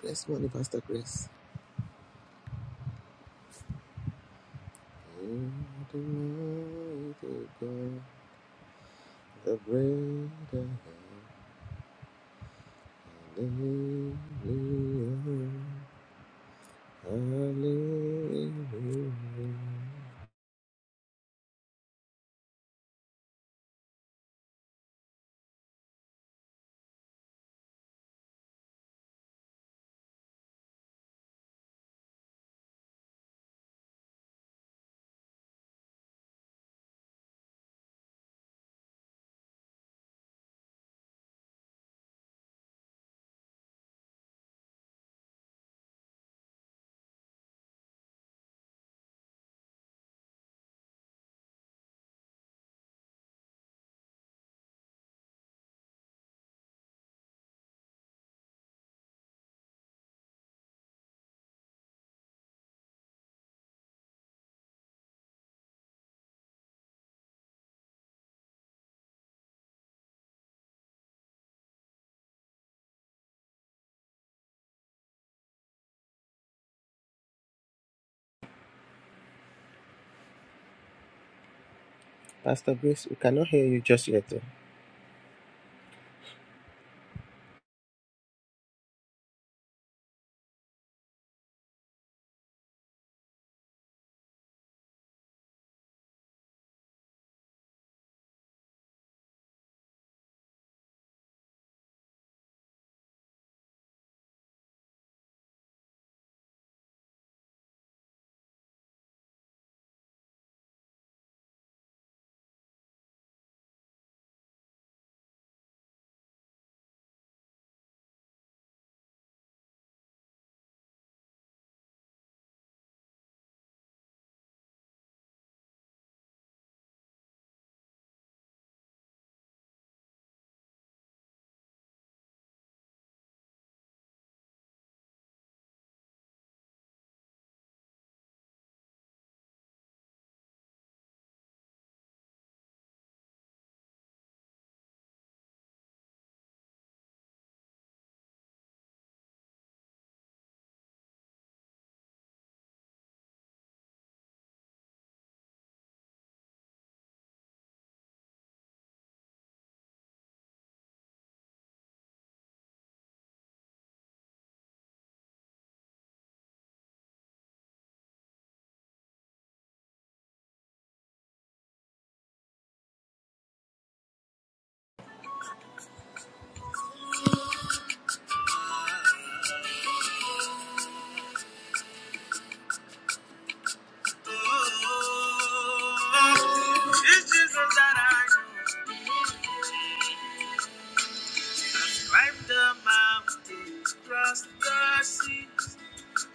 This morning, Pastor Grace. Almighty God, the greater hallelujah, hallelujah. Pastor Grace, we cannot hear you just yet. oh. Oh, it's Jesus that I know. I've climbed the mountain, crossed the seas.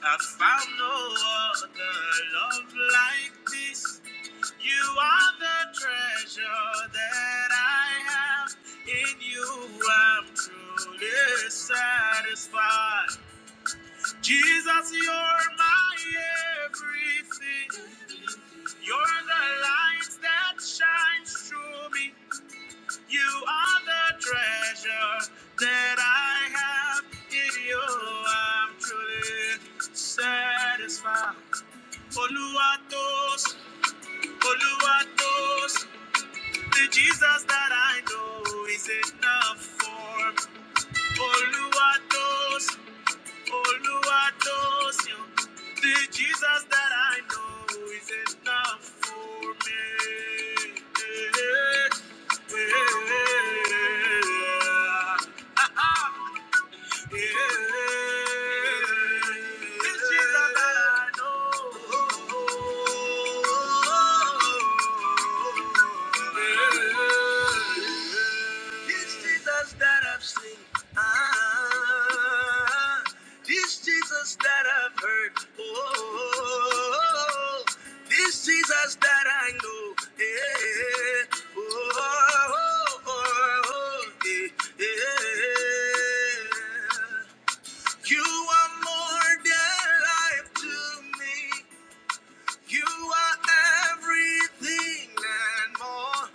I found no other love like this. You are the treasure that I have. In you, I'm truly satisfied. Jesus, you're my everything. You're the light that shines through me. You are the treasure that I have. In you, I'm truly satisfied. Oluwatos, Oluwatos. The Jesus that I know is enough for me. Oluwatos, Oluwatos, yo. The Jesus that I know is enough for me. Yeah. Yeah. Ah, ah. Yeah. This Jesus that I've seen, ah, this Jesus that I've heard, oh, this Jesus that I know, yeah. oh, oh, oh, yeah. eh. You are more than life to me. You are everything and more.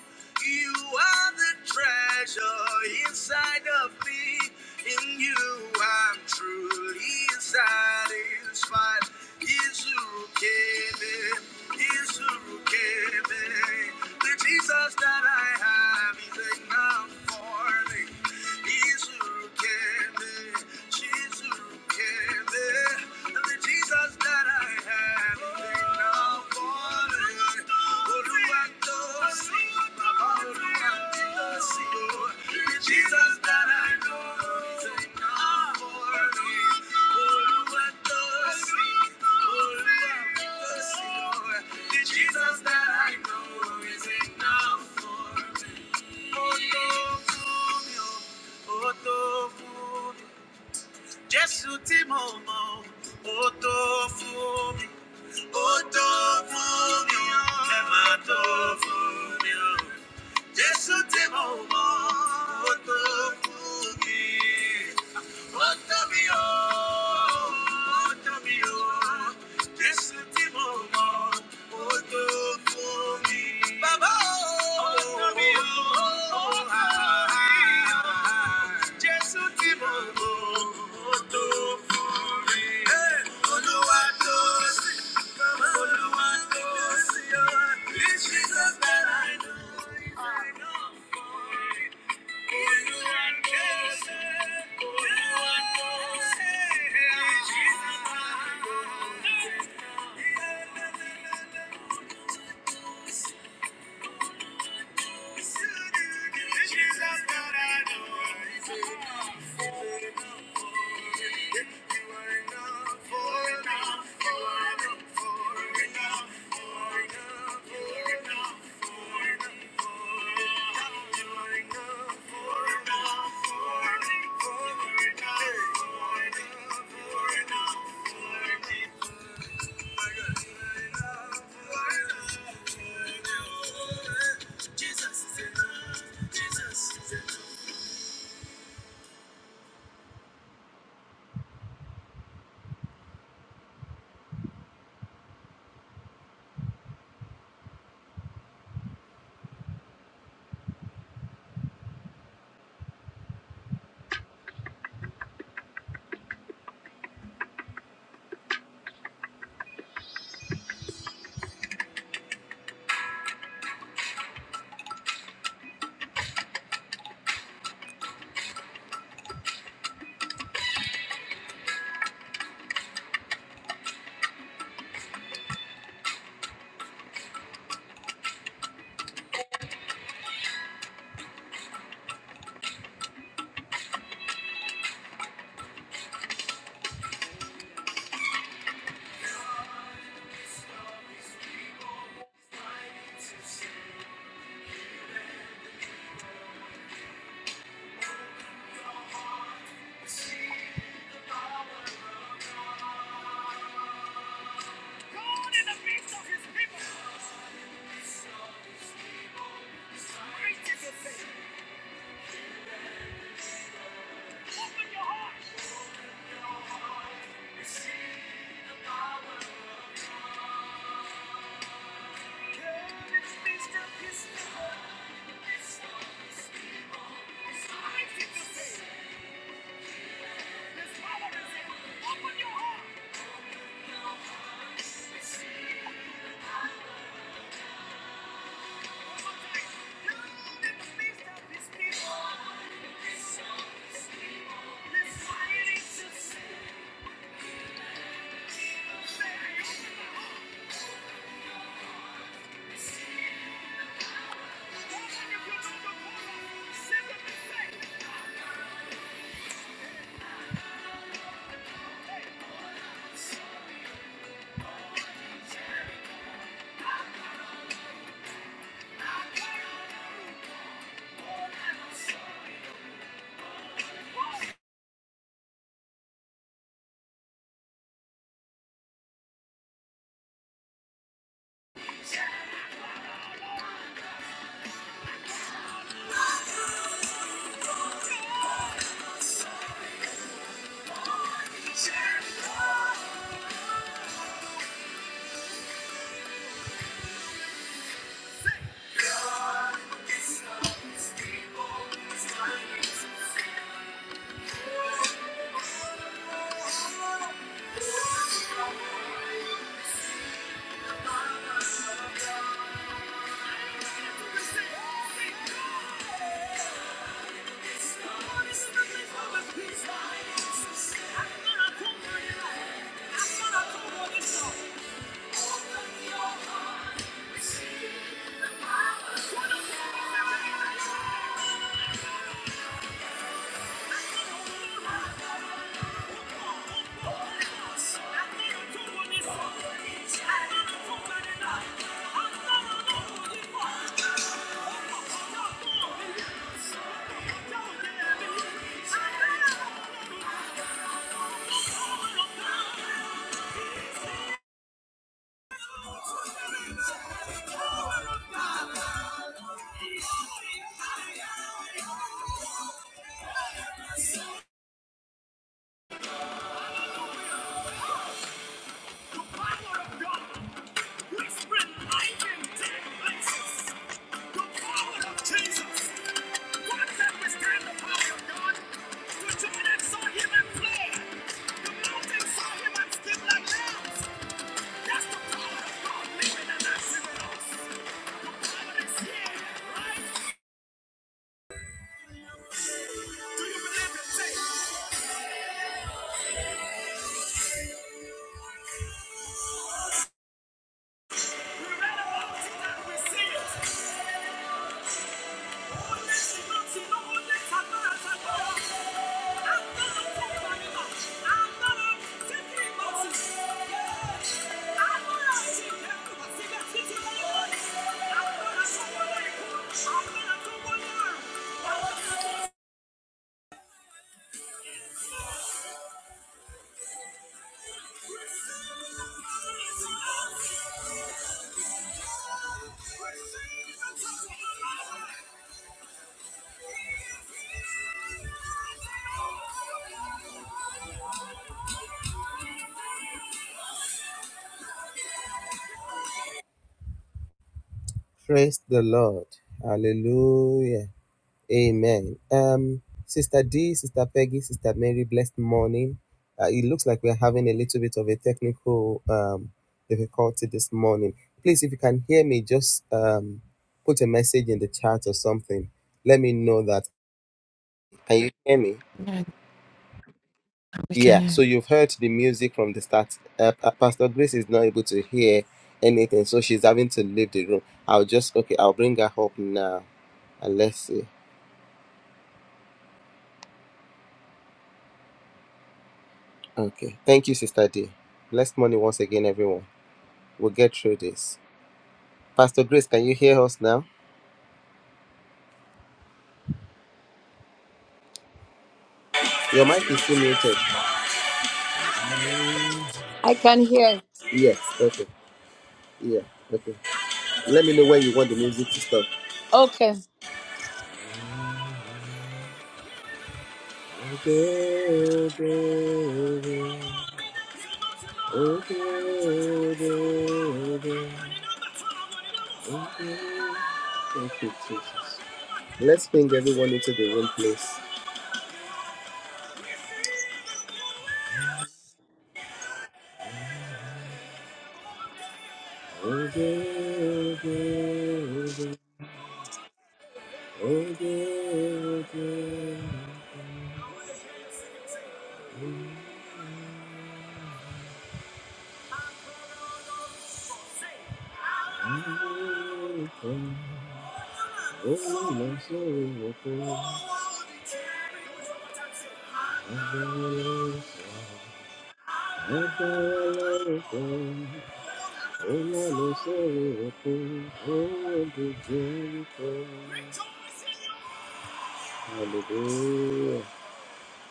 You are the treasure inside of me. In you, I'm truly satisfied. Izukebe, Izukebe. The Jesus that I have is enough for me. Izukebe, Izukebe. The Jesus that I have is now fallen. Oluwatosin, Oluwatosin, oh. The Jesus that I know is now fallen. Oluwatosin, Oluwatosin, oh. The Jesus that I know is enough for me. Oh, no, oh, no. Jésù tí mo mọ̀, ó tó fún mi. Ó tó fún mi o. Ẹ máa tó fún mi o. Jésù tí mo mọ̀, ó tó fún mi. Otavio, Otavio, this último amor, outro por mim. Baba, Otavio, Otavio, Jesu ti mo mọ̀, ó tó fún mi. Hey, Olúwa tó sí, Olúwa tó sí o. This Jesus that I know is enough for me. Enough, for enough, for enough, Thank enough. Thank you. Thank you. I'm not a The power of God, which will lighten dead places. The power of Jesus. What can withstand the power of God? The Jordan saw him and fled. The mountain saw him and skipped like lambs. That's the power of God living and active in us. The power is here, right? We read about it and we see it. Thank you. Praise the Lord. Hallelujah. Amen. Um, Sister D, Sister Peggy, Sister Mary, blessed morning. Uh, it looks like we're having a little bit of a technical um, difficulty this morning. Please, if you can hear me, just um, put a message in the chat or something. Let me know that. Can you hear me? Yeah, we can Yeah. hear. you. So you've heard the music from the start. Uh, Pa- Pastor Grace is not able to hear anything, so she's having to leave the room. I'll just, okay, I'll bring her up now. And let's see. Okay. Thank you, Sister D. Blessed morning once again, everyone. We'll get through this. Pastor Grace, can you hear us now? Your mic is still muted. I can hear. Yes. Okay. Yeah. Okay. Let me know when you want the music to stop. Okay. Okay, okay, okay, okay, okay, okay. Okay. Thank you, Jesus. Let's bring everyone into the room, please. Okay, okay, okay. Again, again. again. I will come. Oh, my soul will come. Hallelujah.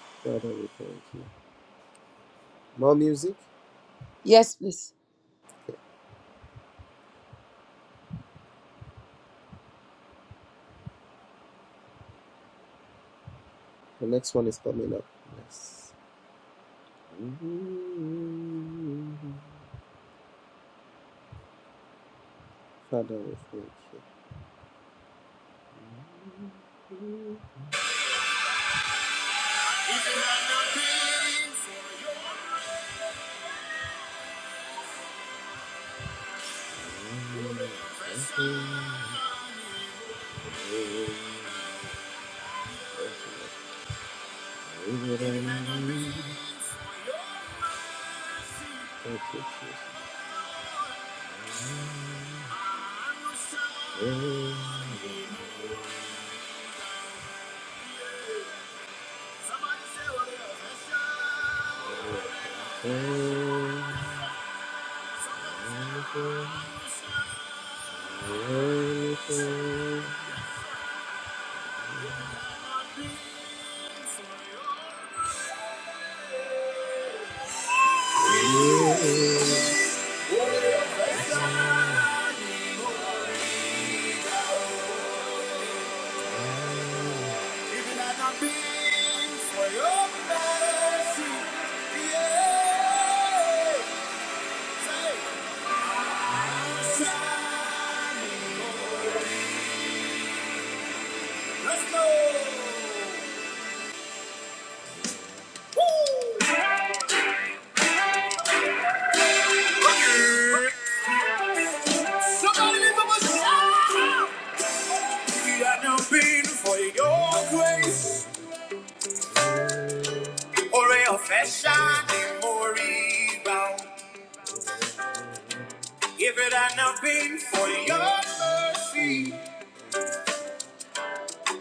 Father, we thank you. More music? Yes, please. The next one is coming up. Yes. Father, we thank you. Thank you, Jesus. Even as I've been for your mercy, yeah. We are not been for your grace, or a fashion or rebound. If it had not been for your love,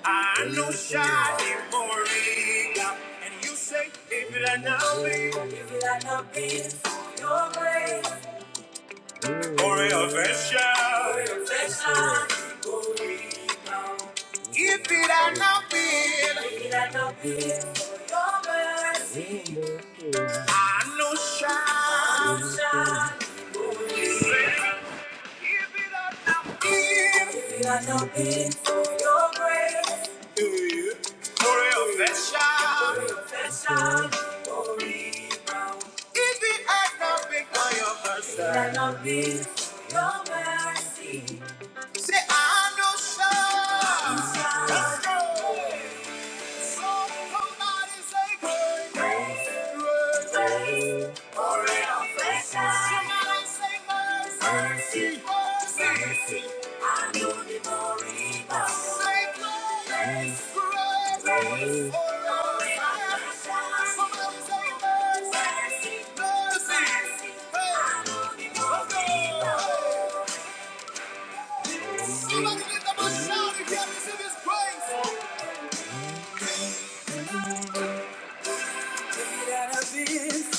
I know shining more rebound. And you say, if it had not been, if it had not been for your grace, or a fashion, if it had not been, I know shine. Do you? For your affection. If it had not been for your mercy. It Had not been for your mercy. Say, I know, sure. I'm sorry. Let's go. Somebody give them a shout if you haven't seen this grace. that I've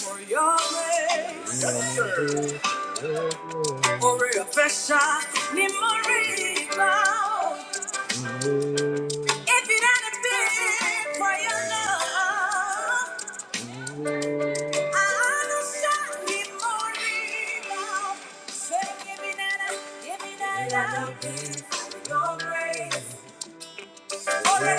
for your grace. Yes, sir. For a fresh shot, need more rebound. If it hadn't been for your love, i don't shot, need more rebound. Say, give me that, give me that, for your grace. If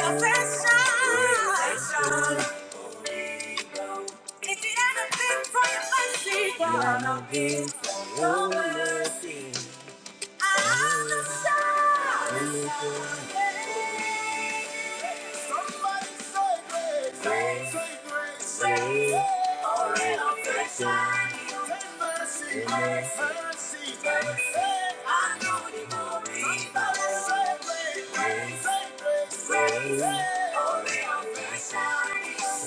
you ever been for your mercy, God, I'm being so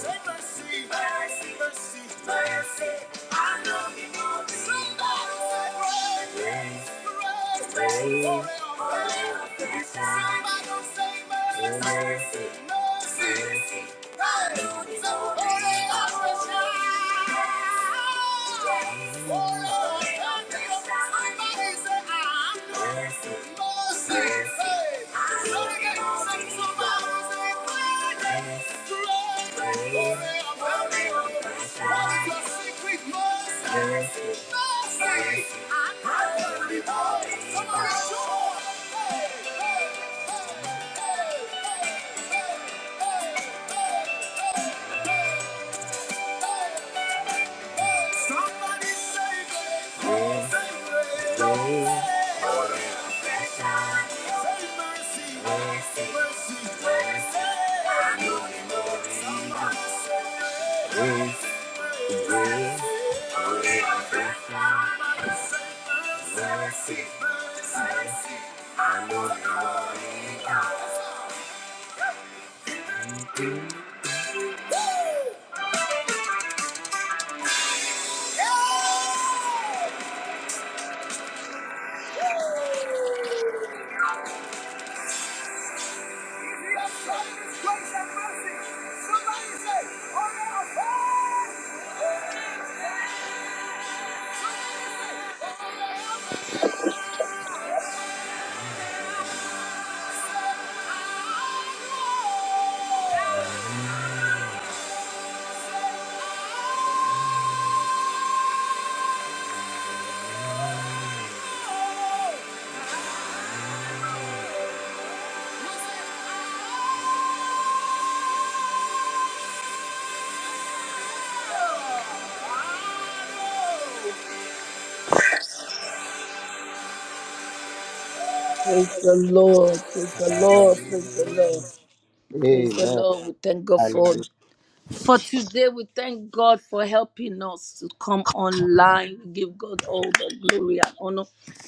Mercy, mercy, mercy, mercy. Mercy. Somebody save Mercy, mercy, mercy, mercy, mercy. I need more mercy. Mercy, mercy, mercy, mercy, mercy. I need more. Praise the Lord. Praise the Lord. Praise the Lord. Praise the Amen. Lord. We thank God for Hallelujah. For today, we thank God for helping us to come online. We give God all the glory and honor.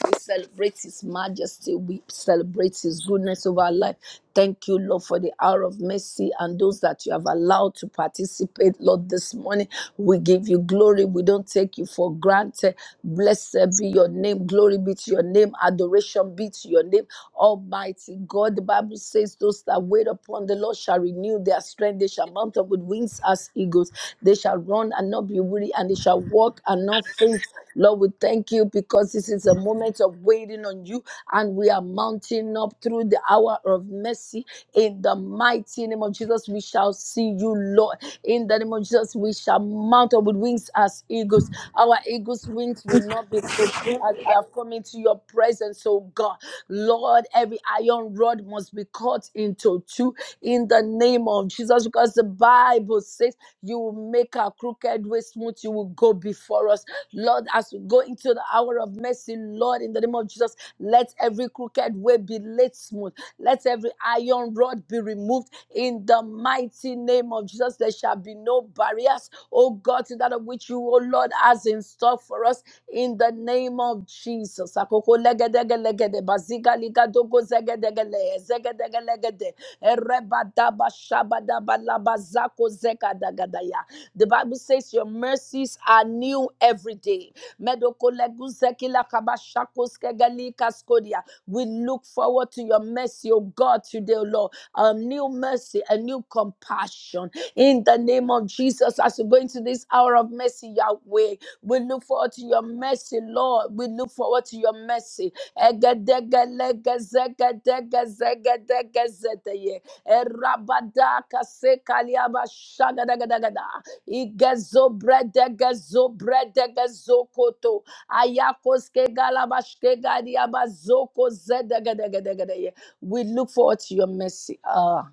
We celebrate His majesty. We celebrate His goodness over our life. Thank you, Lord, for the hour of mercy and those that you have allowed to participate, Lord, this morning. We give you glory. We don't take you for granted. Blessed be your name. Glory be to your name. Adoration be to your name. Almighty God, the Bible says, Those that wait upon the Lord shall renew their strength they shall mount up with wings as eagles. They shall run and not be weary, and they shall walk and not faint. Lord, we thank you because this is a moment of waiting on you, and we are mounting up through the hour of mercy. In the mighty name of Jesus, we shall see you, Lord. In the name of Jesus, we shall mount up with wings as eagles. Our eagles' wings will not be closed as we are coming to your presence, oh God. Lord, every iron rod must be cut into two. In the the name of Jesus because the Bible says you will make our crooked way smooth. You will go before us. Lord, as we go into the hour of mercy, Lord, in the name of Jesus, let every crooked way be laid smooth. Let every iron rod be removed in the mighty name of Jesus. There shall be no barriers, oh God, to that of which you, oh Lord, has in store for us in the name of Jesus. Akoko legedege legede, baziga liga dogo zegedege le, zegedege legede. Erebadaba shabadaba labazako zekadagadaya. The Bible says your mercies are new every day. Medokolegu zekila kabashako skegeli kaskodia. We look forward to your mercy, O God, today, O Lord. A new mercy, a new compassion. In the name of Jesus, as we go into this hour of mercy, Yahweh, we look forward to your mercy, Lord. We look forward to your mercy. Egedegelegezegedegezegeye. Erabadakasekalyabashagadagadaga. Igezobredegezobradegezokoto. Ayakoskegalabashkegadiabazokozedegedegedegedeye. We look forward to your mercy. Ah,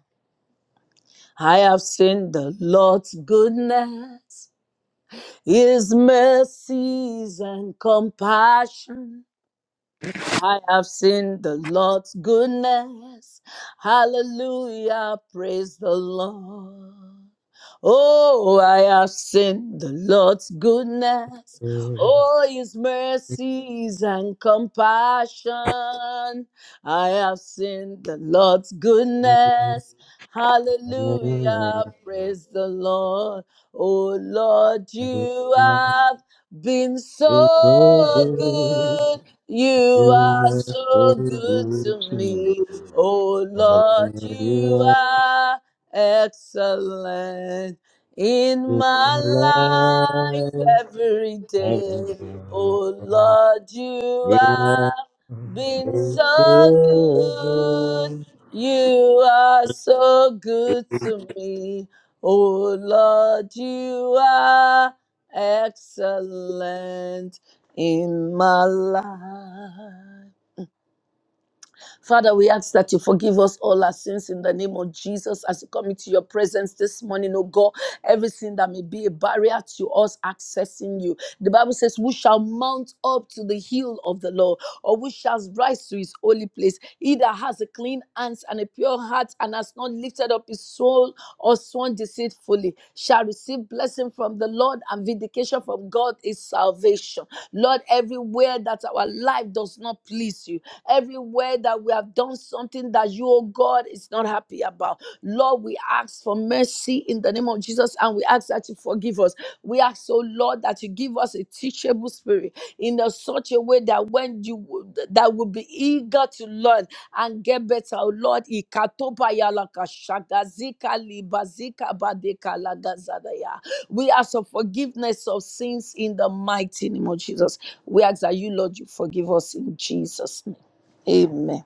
I have seen the Lord's goodness, His mercies and compassion. I have seen the Lord's goodness. Hallelujah. Praise the Lord. Oh, I have seen the Lord's goodness. Oh, his mercies and compassion. I have seen the Lord's goodness. Hallelujah. Praise the Lord. Oh, Lord, Bless you have been so good. You are so good to you. me. Oh Lord, you Hallelujah. are excellent in my life every day. Oh Hallelujah. Lord, you You have been are so so good. good. You are so good to me. Oh Lord, you are excellent in my life. Father, we ask that you forgive us all our sins in the name of Jesus as we come into your presence this morning, oh God. Everything that may be a barrier to us accessing you. The Bible says, We shall mount up to the hill of the Lord, or we shall rise to his holy place. He that has a clean hands and a pure heart and has not lifted up his soul or sworn deceitfully shall receive blessing from the Lord and vindication from God is salvation. Lord, everywhere that our life does not please you, everywhere that we have done something that you, oh God, is not happy about. Lord, we ask for mercy in the name of Jesus and we ask that you forgive us. We ask, oh Lord, that you give us a teachable spirit in a such a way that when you that will be eager to learn and get better, oh Lord. Ikatopa yalaka shagazika libazika badeka lagazadaya. We ask for forgiveness of sins in the mighty name of Jesus. We ask that you, Lord, you forgive us in Jesus' name. Amen.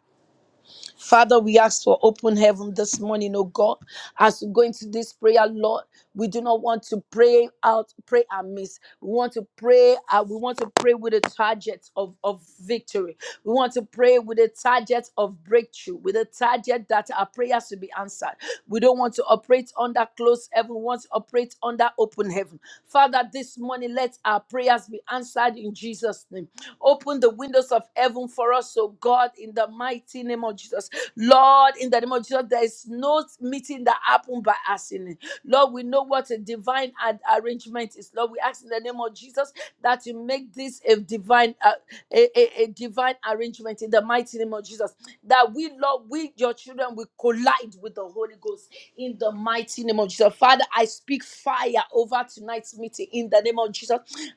Father, we ask for open heaven this morning, oh God. As we go into this prayer, Lord, we do not want to pray out, pray amiss. We want to pray, uh, we want to pray with a target of, of victory. We want to pray with a target of breakthrough, with a target that our prayers will be answered. We don't want to operate under closed heaven, we want to operate under open heaven. Father, this morning let our prayers be answered in Jesus' name. Open the windows of heaven for us, oh God, in the mighty name of Jesus. Lord, in the name of Jesus, there is no meeting that happened by accident. Lord, we know what a divine ad- arrangement is. Lord, we ask in the name of Jesus that you make this a divine uh, a, a, a divine arrangement in the mighty name of Jesus. That we, Lord, we your children will collide with the Holy Ghost in the mighty name of Jesus. Father, I speak fire over tonight's meeting in the name of Jesus.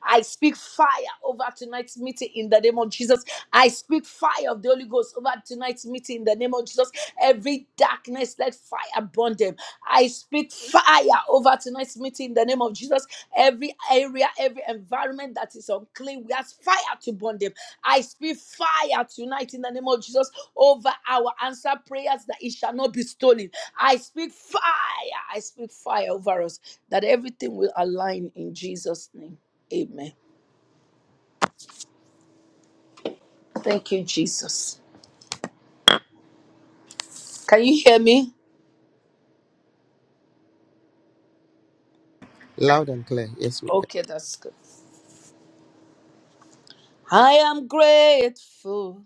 I speak fire over tonight's meeting in the name of Jesus. I speak fire of the Holy Ghost over tonight's meeting in the name of Jesus. Every darkness, let fire burn them. I speak fire over tonight's meeting in the name of Jesus. Every area, every environment that is unclean, we ask fire to burn them. I speak fire tonight in the name of Jesus over our answer prayers that it shall not be stolen. I speak fire. I speak fire over us that everything will align in Jesus' name. Amen. Thank you, Jesus. Can you hear me? Loud and clear. Yes, we can. Okay, that's good. I am grateful.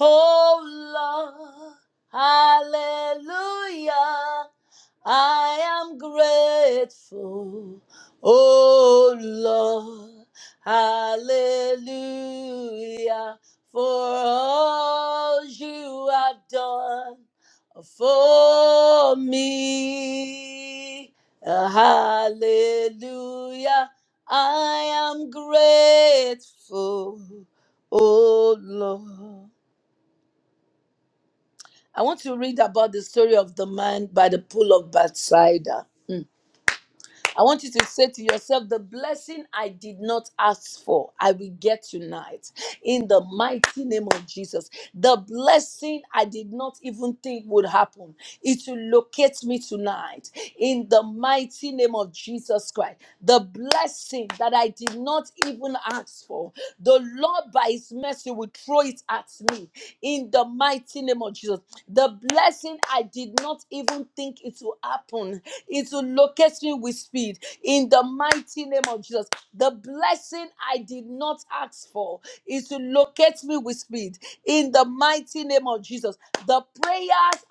Oh Lord, hallelujah. I am grateful. Oh Lord, hallelujah. For all you have done for me. Hallelujah. I am grateful. Oh Lord. I want to read about the story of the man by the pool of Bethsaida. Hmm. I want you to say to yourself, the blessing I did not ask for, I will get tonight. In the mighty name of Jesus. The blessing I did not even think would happen, it will locate me tonight. In the mighty name of Jesus Christ. The blessing that I did not even ask for, the Lord by his mercy will throw it at me. In the mighty name of Jesus. The blessing I did not even think it will happen it will locate me with speed in the mighty name of Jesus. The blessing I did not ask for is to locate me with speed in the mighty name of Jesus. The prayers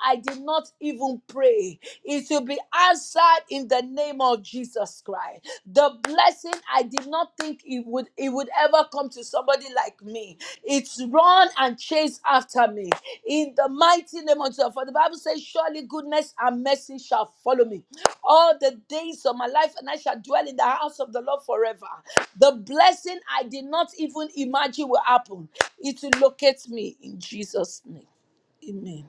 I did not even pray it will be answered in the name of Jesus Christ. The blessing I did not think it would it would ever come to somebody like me. It's run and chase after me in the mighty name of Jesus. For the Bible says, surely goodness and mercy shall follow me all the days of my life, and I shall dwell in the house of the Lord forever. The blessing I did not even imagine will happen. It will locate me in Jesus' name. Amen.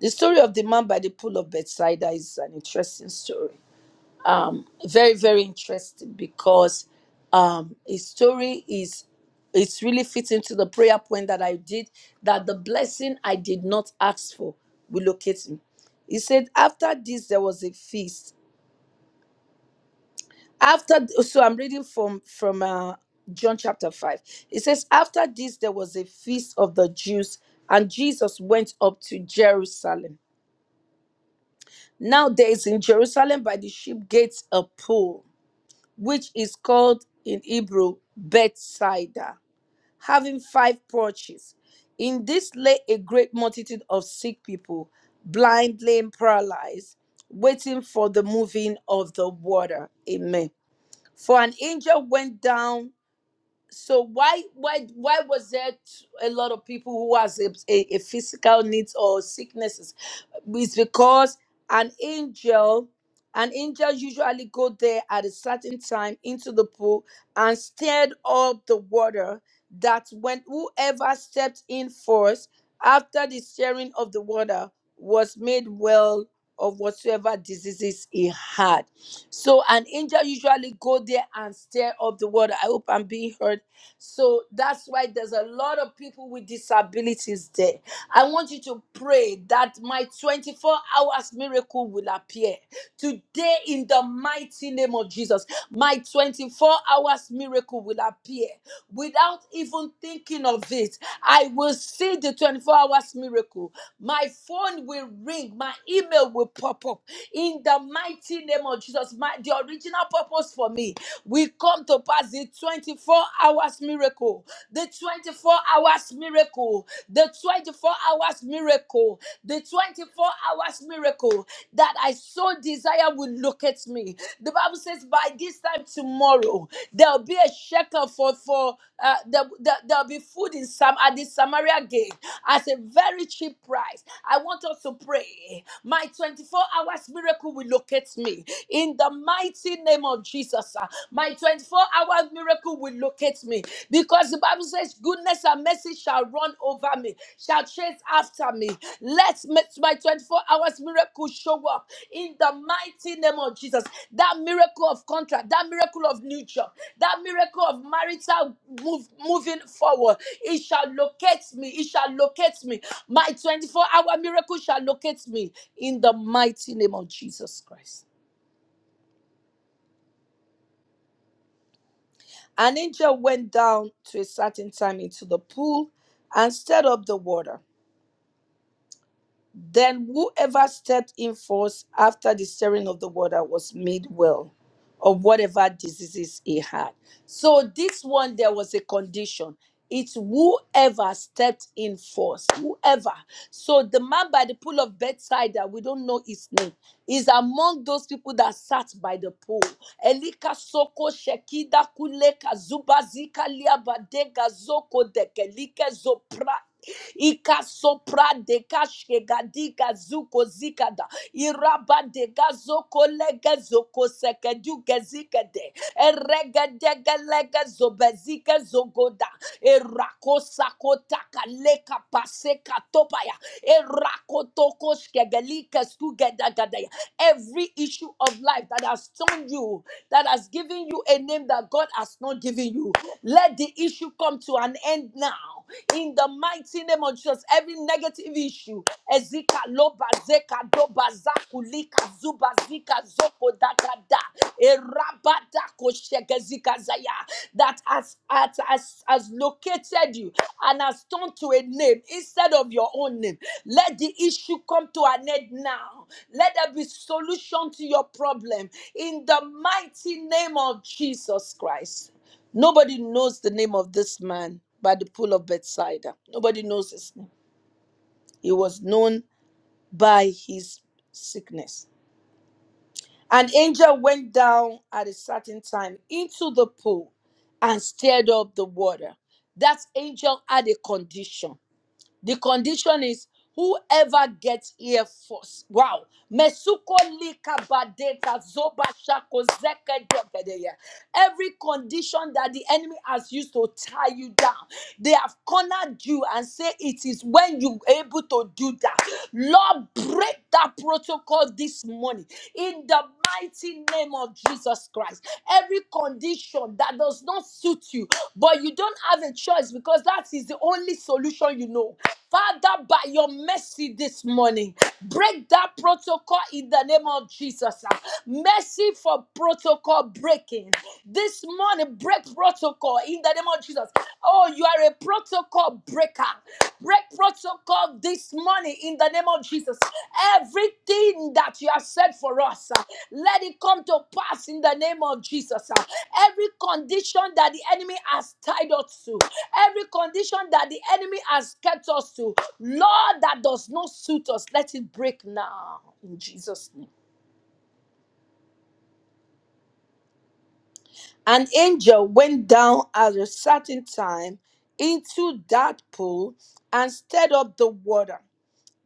The story of the man by the pool of Bethsaida is an interesting story. Um, very, very interesting because um, his story is it's really fitting to the prayer point that I did that the blessing I did not ask for will locate me. He said, After this, there was a feast after so i'm reading from from uh, john chapter 5 it says after this there was a feast of the jews and jesus went up to jerusalem now there is in jerusalem by the sheep gates a pool which is called in hebrew bethsaida having five porches in this lay a great multitude of sick people blind lame paralyzed waiting for the moving of the water amen for an angel went down so why why why was there t- a lot of people who has a, a, a physical needs or sicknesses it's because an angel an angel usually go there at a certain time into the pool and stirred up the water that when whoever stepped in first after the stirring of the water was made well of whatsoever diseases he had so an angel usually go there and stir up the water i hope i'm being heard so that's why there's a lot of people with disabilities there. I want you to pray that my 24 hours miracle will appear today in the mighty name of Jesus. My 24 hours miracle will appear without even thinking of it. I will see the 24 hours miracle. My phone will ring, my email will pop up in the mighty name of Jesus. My the original purpose for me we come to pass the 24 hours miracle, the 24 hours miracle, the 24 hours miracle, the 24 hours miracle that I so desire will locate me. The Bible says, by this time tomorrow, There'll be a shekel for for uh, there, there, there'll be food in Sam at the Samaria gate at a very cheap price. I want us to pray. My 24 hours miracle will locate me in the mighty name of Jesus. ah. My 24 hours miracle will locate me because the Bible says, "Goodness and mercy shall run over me, shall chase after me." Let me- my 24 hours miracle show up in the mighty name of Jesus. That miracle of contract, that miracle of new job, that miracle of marital move, moving forward, it shall locate me. It shall locate me. My 24 hour miracle shall locate me in the mighty name of Jesus Christ. An angel went down to a certain time into the pool and stirred up the water. Then whoever stepped in first after the stirring of the water was made well of whatever diseases he had. So this one there was a condition. It's whoever stepped in first, whoever. So the man by the pool of Bethsaida, we don't know his name, is among those people that sat by the pool. Elika soko shekida kuleka zubazika liabadega zoko dekelike ikasopra de kashke gadika zuko zikada iraba de gazoko lege zoko seke duke zikede erege dege lege zobezike zogoda erako sako taka leka pase katopaya erako toko shkegelike skugeda gadaya every issue of life that has stoned you, that has given you a name that God has not given you. Let the issue come to an end now. In the mighty name of Jesus, every negative issue, Ezika loba zeka doba zakulika zuba zika zoko da da da. Erabada kosheke zika zaya that has, has, has, has located you and has turned to a name instead of your own name. Let the issue come to an end now. Let there be solution to your problem in the mighty name of Jesus Christ. Nobody knows the name of this man by the pool of Bethsaida. Nobody knows his name. He was known by his sickness an angel went down at a certain time into the pool and stirred up the water. That angel had a condition. The condition is whoever gets here first. Wow. Mesuko lika badeta zoba shako zeke debedeya. Every condition that the enemy has used to tie you down, they have cornered you and say it is when you able to do that. Lord, break that protocol this morning in the mighty name of Jesus Christ. Every condition that does not suit you, but you don't have a choice because that is the only solution you know. Father, by your mercy this morning, break that protocol in the name of Jesus. ah. Mercy for protocol breaking. This morning, break protocol in the name of Jesus. Oh, you are a protocol breaker. Break protocol this morning in the name of Jesus. Everything that you have said for us, uh, let it come to pass in the name of Jesus. uh. Every condition that the enemy has tied us to, every condition that the enemy has kept us to, Lord, that does not suit us, let it break now in Jesus' name. An angel went down at a certain time into that pool and stirred up the water.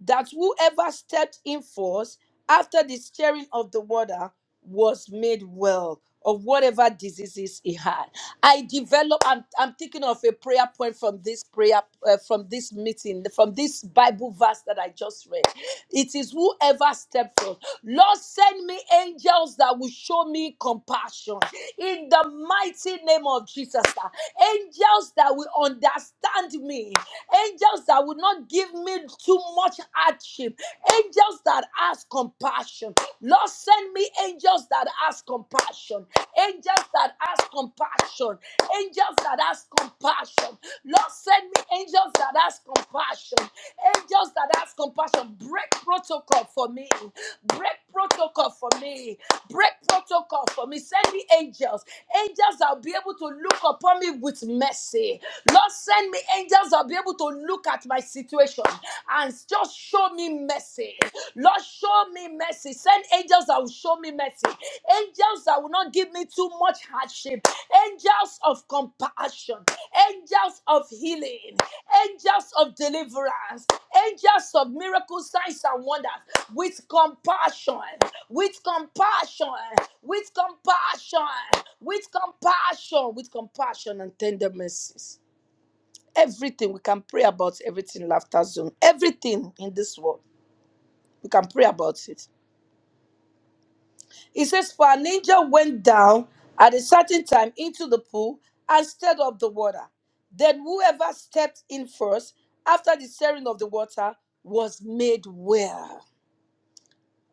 that whoever stepped in first after the stirring of the water was made well of whatever diseases he had. I develop. I'm, I'm thinking of a prayer point from this prayer uh, from this meeting from this Bible verse that I just read. It is whoever stepped forth. Lord, send me angels that will show me compassion in the mighty name of Jesus. ah. Angels that will understand understand me. Angels that will not give me too much hardship. Angels that has compassion. Lord, send me angels that has compassion. Angels that has compassion. Angels that has compassion. Lord, send me angels that has compassion. Angels that has compassion. Break protocol for me. Break protocol for me. Break protocol for me. Send me angels. Angels that will be able to look upon me with mercy. Lord, send me angels that will be able to look at my situation and just show me mercy. Lord, show me mercy. Send angels that will show me mercy. Angels that will not give me too much hardship angels of compassion, angels of healing, angels of deliverance, angels of miracle signs and wonders with compassion, with compassion, with compassion, with compassion, with compassion and tender mercies. Everything we can pray about, everything, laughter zone, everything in this world, we can pray about it. It says, For an angel went down at a certain time into the pool and stirred up the water. Then whoever stepped in first after the stirring of the water was made well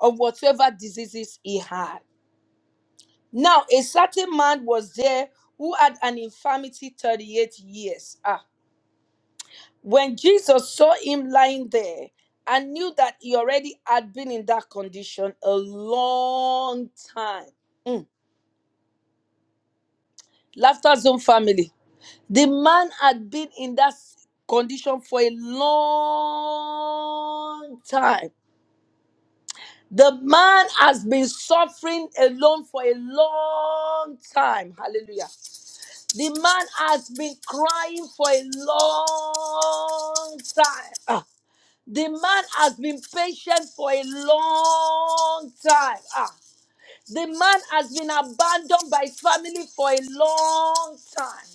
of whatever diseases he had. Now, a certain man was there who had an infirmity 38 years. Ah. When Jesus saw him lying there and knew that he already had been in that condition a long time. Mm. Laughter Zone family. The man had been in that condition for a long time. The man has been suffering alone for a long time. Hallelujah. The man has been crying for a long time. Ah. The man has been patient for a long time. Ah. The man has been abandoned by family for a long time.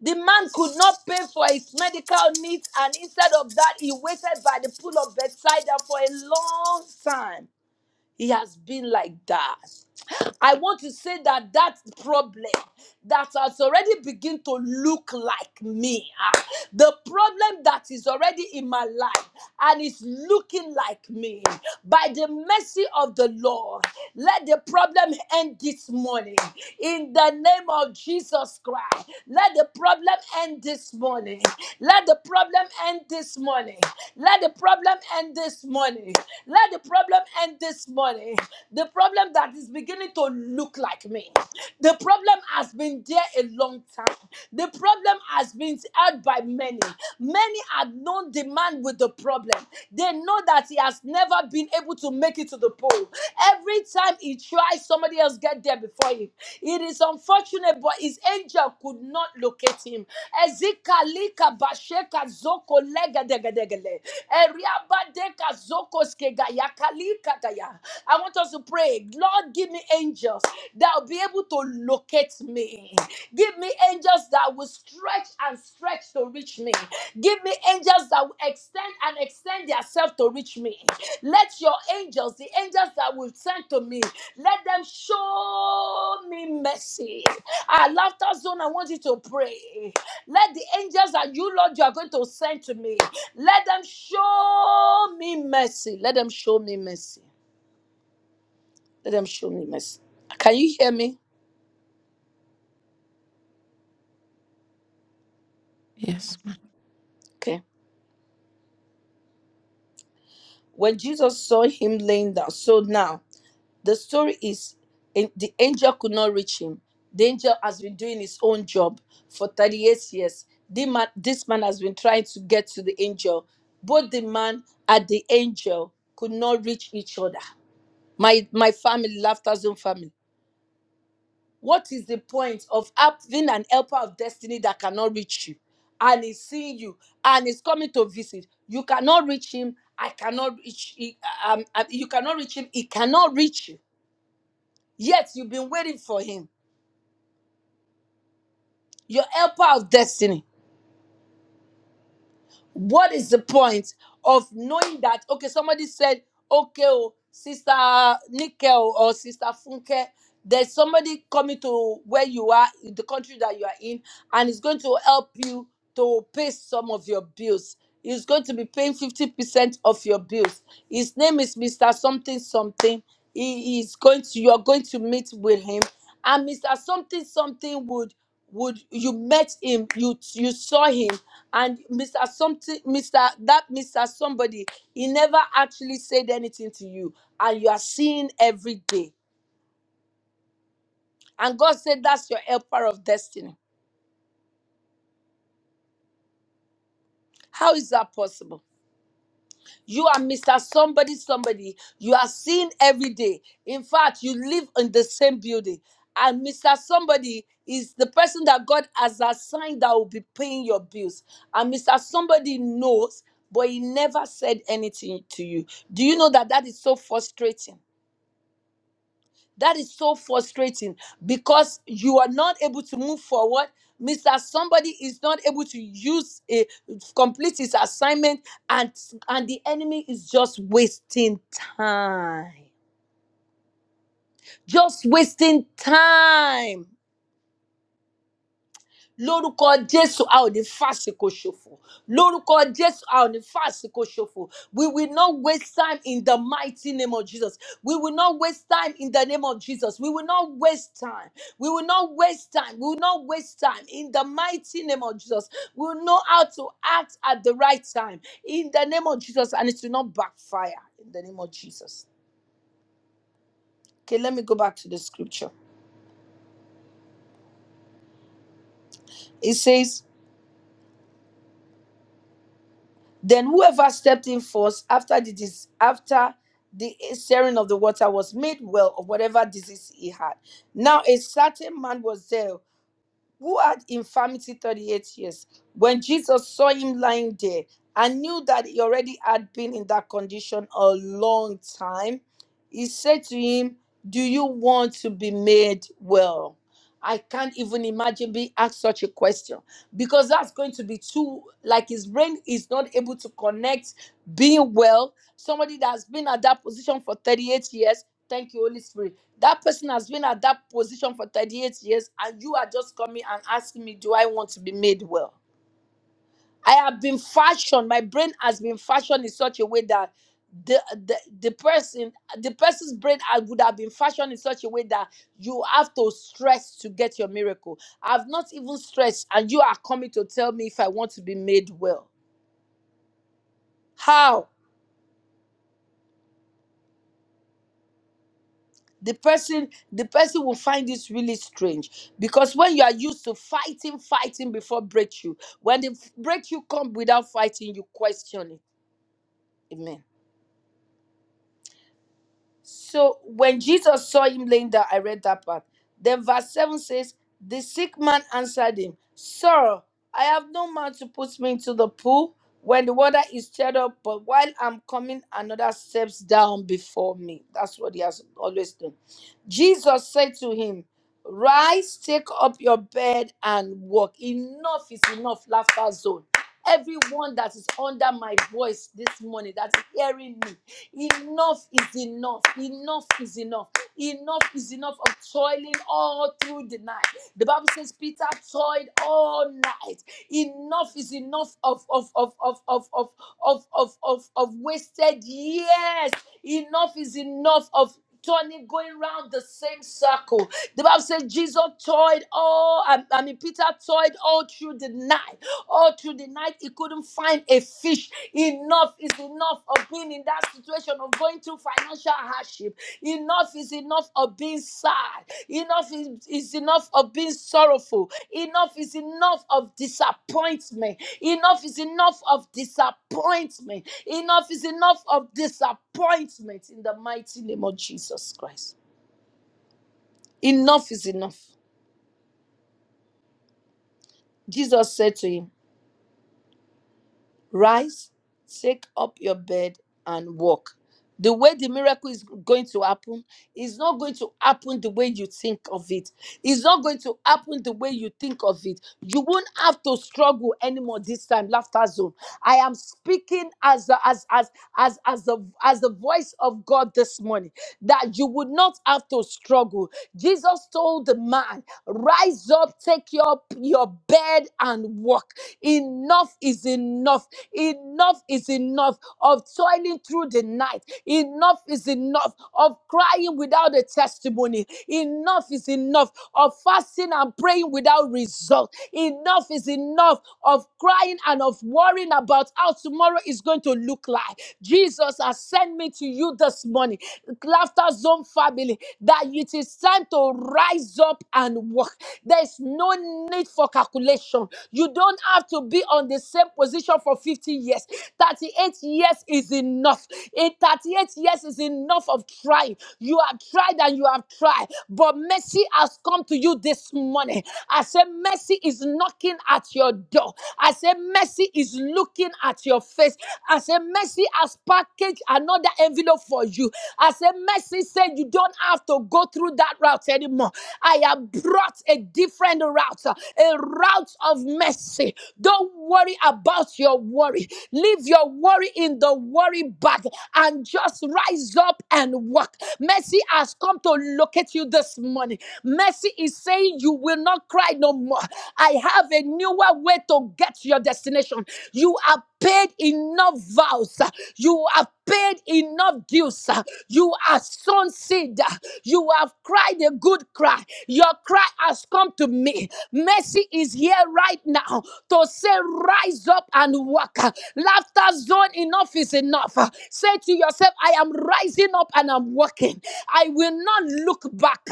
The man could not pay for his medical needs, and instead of that, he waited by the pool of Bethesda for a long time. He has been like that. I want to say that that problem that has already begun to look like me, ah, the problem that is already in my life and is looking like me, by the mercy of the Lord, let the problem end this this morning in the name of Jesus Christ. Let the problem end this morning. Let the problem end this morning. Let the problem end this morning. Let the problem end this morning. The problem that is beginning to look like me. The problem has been there a long time. The problem has been held by many. Many had no demand with the problem. They know that he has never been able to make it to the pole. Every time he tries, somebody else get there before him. It is unfortunate, but his angel could not locate him. Ezika lika basheka zoko lega dega degele. Eriaba deka I want us to pray, Lord, give me angels that will be able to locate me. Give me angels that will stretch and stretch to reach me. Give me angels that will extend and extend themselves to reach me. Let your angels, the angels that will send to me, let them show me mercy. Our laughter zone, I want you to pray. Let the angels that you, Lord, you are going to send to me, let them show me mercy. Let them show me mercy. Let them show me mercy. Can you hear me? Yes. Okay. When Jesus saw him laying down, so now the story is in- the angel could not reach him. The angel has been doing his own job for 38 years. The man, this man has been trying to get to the angel. Both the man and the angel could not reach each other. My my family, laughter zone family. What is the point of having an helper of destiny that cannot reach you and is seeing you and is coming to visit? You cannot reach him. I cannot reach. he- Um, um, you cannot reach him. He cannot reach you. Yet you've been waiting for him. Your helper of destiny. What is the point of knowing that? Okay, somebody said, okay, oh, sister Nickel or sister Funke, there's somebody coming to where you are, in the country that you are in, and is going to help you to pay some of your bills. He's going to be paying 50% of your bills. His name is Mr. Something Something. He is going to, you're going to meet with him. And Mr. Something Something would would you met him, you you saw him, and mr something mr that mr somebody he never actually said anything to you and you are seeing every day and god said that's your helper of destiny how is that possible you are mr somebody somebody you are seen every day in fact you live in the same building and mr somebody is the person that god has assigned that will be paying your bills and mr somebody knows but he never said anything to you do you know that that is so frustrating That is so frustrating because you are not able to move forward. Mr. Somebody is not able to use a complete his assignment, and and the enemy is just wasting time. Just wasting time. lórúkọ jésù a ò ní fàsìkò ṣòfò lórúkọ jésù a ò ní fàsìkò ṣòfò we will not waste time in the mighty name of jesus we will not waste time in the name of jesus we will not waste time we will not waste time we will not waste time in the mighty name of jesus we will know how to act at the right time in the name of jesus and it will not backfire in the name of jesus okay let me go back to the scripture it says Then whoever stepped in first after the dis- after the stirring of the water was made well of whatever disease he had. Now a certain man was there who had infirmity 38 years, when Jesus saw him lying there and knew that he already had been in that condition a long time, he said to him, Do you want to be made well? I can't even imagine being asked such a question because that's going to be too, like his brain is not able to connect being well. Somebody that's been at that position for 38 years, thank you, Holy Spirit that person has been at that position for 38 years, and you are just coming and asking me, Do I want to be made well? I have been fashioned, my brain has been fashioned in such a way that the, the the person the person's brain ha- would have been fashioned in such a way that you have to stress to get your miracle. I've not even stressed, and you are coming to tell me if I want to be made well. How? the person the person will find this really strange because when you are used to fighting fighting before breakthrough when the breakthrough come without fighting you question it Amen. So when Jesus saw him laying down, I read that part. Then verse 7 says, The sick man answered him, Sir, I have no man to put me into the pool when the water is stirred up, but while I'm coming, another steps down before me. That's what he has always done. Jesus said to him, Rise, take up your bed and walk. Enough is enough, laughter zone. Everyone that is under my voice this morning, that is hearing me. Enough is enough. Enough is enough. Enough is enough of toiling all through the night. The Bible says Peter toiled all night. Enough is enough of of of of of of of of of, of wasted years. Enough is enough of turning going round the same circle the bible says jesus toiled all i, I mean peter toiled all through the night all through the night he couldn't find a fish Enough is enough of being in that situation of going through financial hardship. Enough is enough of being sad. Enough is, is enough of being sorrowful. Enough is enough of disappointment. Enough is enough of disappointment. Enough is enough of disappointment in the mighty name of Jesus Christ. Enough is enough. Jesus said to him, Rise, take up your bed and walk. The way the miracle is going to happen is not going to happen the way you think of it. It's not going to happen the way you think of it. You won't have to struggle anymore this time. Laughter zone. I am speaking as the, as as as as the as the voice of God this morning that you would not have to struggle. Jesus told the man, "Rise up, take your your bed and walk. Enough is enough." Enough is enough of toiling through the night. Enough is enough of crying without a testimony. Enough is enough of fasting and praying without result. Enough is enough of crying and of worrying about how tomorrow is going to look like. Jesus has sent me to you this morning laughter zone family, that it is time to rise up and walk. There's no need for calculation. You don't have to be on the same position for 50 years. 38 years is enough. In 38 years is enough of trying. You have tried and you have tried, but mercy has come to you this morning. I said, Mercy is knocking at your door. I said, Mercy is looking at your face. I said, Mercy has packaged another envelope for you. I said, Mercy said, You don't have to go through that route anymore. I have brought a different route, a route of mercy. Don't worry about your worry. Leave your worry in the your worry back and just rise up and walk. Mercy has come to locate you this morning. Mercy is saying you will not cry no more. I have a newer way to get to your destination. You have paid enough vows. You have paid enough dues. You are sown seed. You have cried a good cry. Your cry has come to me. Mercy is here right now to Say, rise up and walk. Laughter zone, enough is enough. Say to yourself, I am rising up and I'm walking. I will not look back.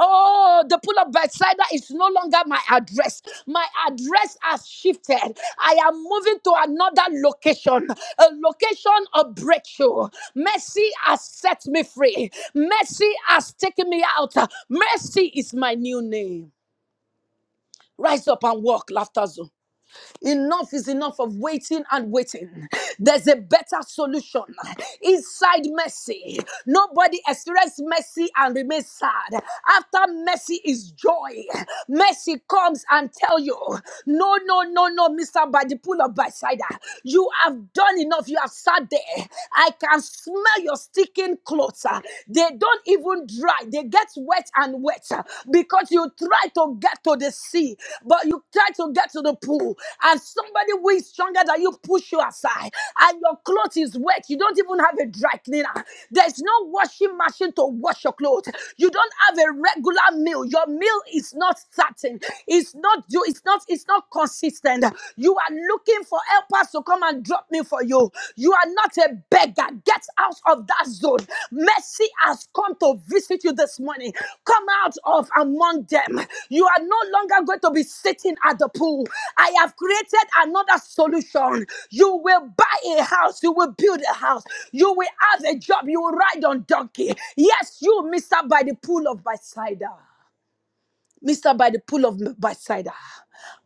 Oh, the pool of Bethsaida is no longer my address. My address has shifted. I am moving to another location, a location of breakthrough. Mercy has set me free. Mercy has taken me out. Mercy is my new name. Rise up and walk, laughter zone. Enough is enough of waiting and waiting. There's a better solution inside mercy. Nobody experiences mercy and remains sad. After mercy is joy. Mercy comes and tell you, no, no, no, no, Mister, by the pool of Bethesda, you have done enough. You have sat there. I can smell your sticking clothes. They don't even dry dry, they get wet and wet uh, because you try to get to the sea, but you try to get to the pool, and somebody who is stronger than you push you aside, and your clothes is wet. You don't even have a dry cleaner. There's no washing machine to wash your clothes. You don't have a regular meal. Your meal is not certain. It's not you. It's not. It's not consistent. You are looking for helpers to to come and drop me for you. You are not a beggar. Get out of that zone. Mercy has come to visit you this morning. Come out of among them. You are no longer going to be sitting at the pool. I have created another solution. You will buy a house. You will build a house. You will have a job. You will ride on donkey. Yes, you, Mister, by the pool of Bethesda. Mr. By the pool of Bethsaida.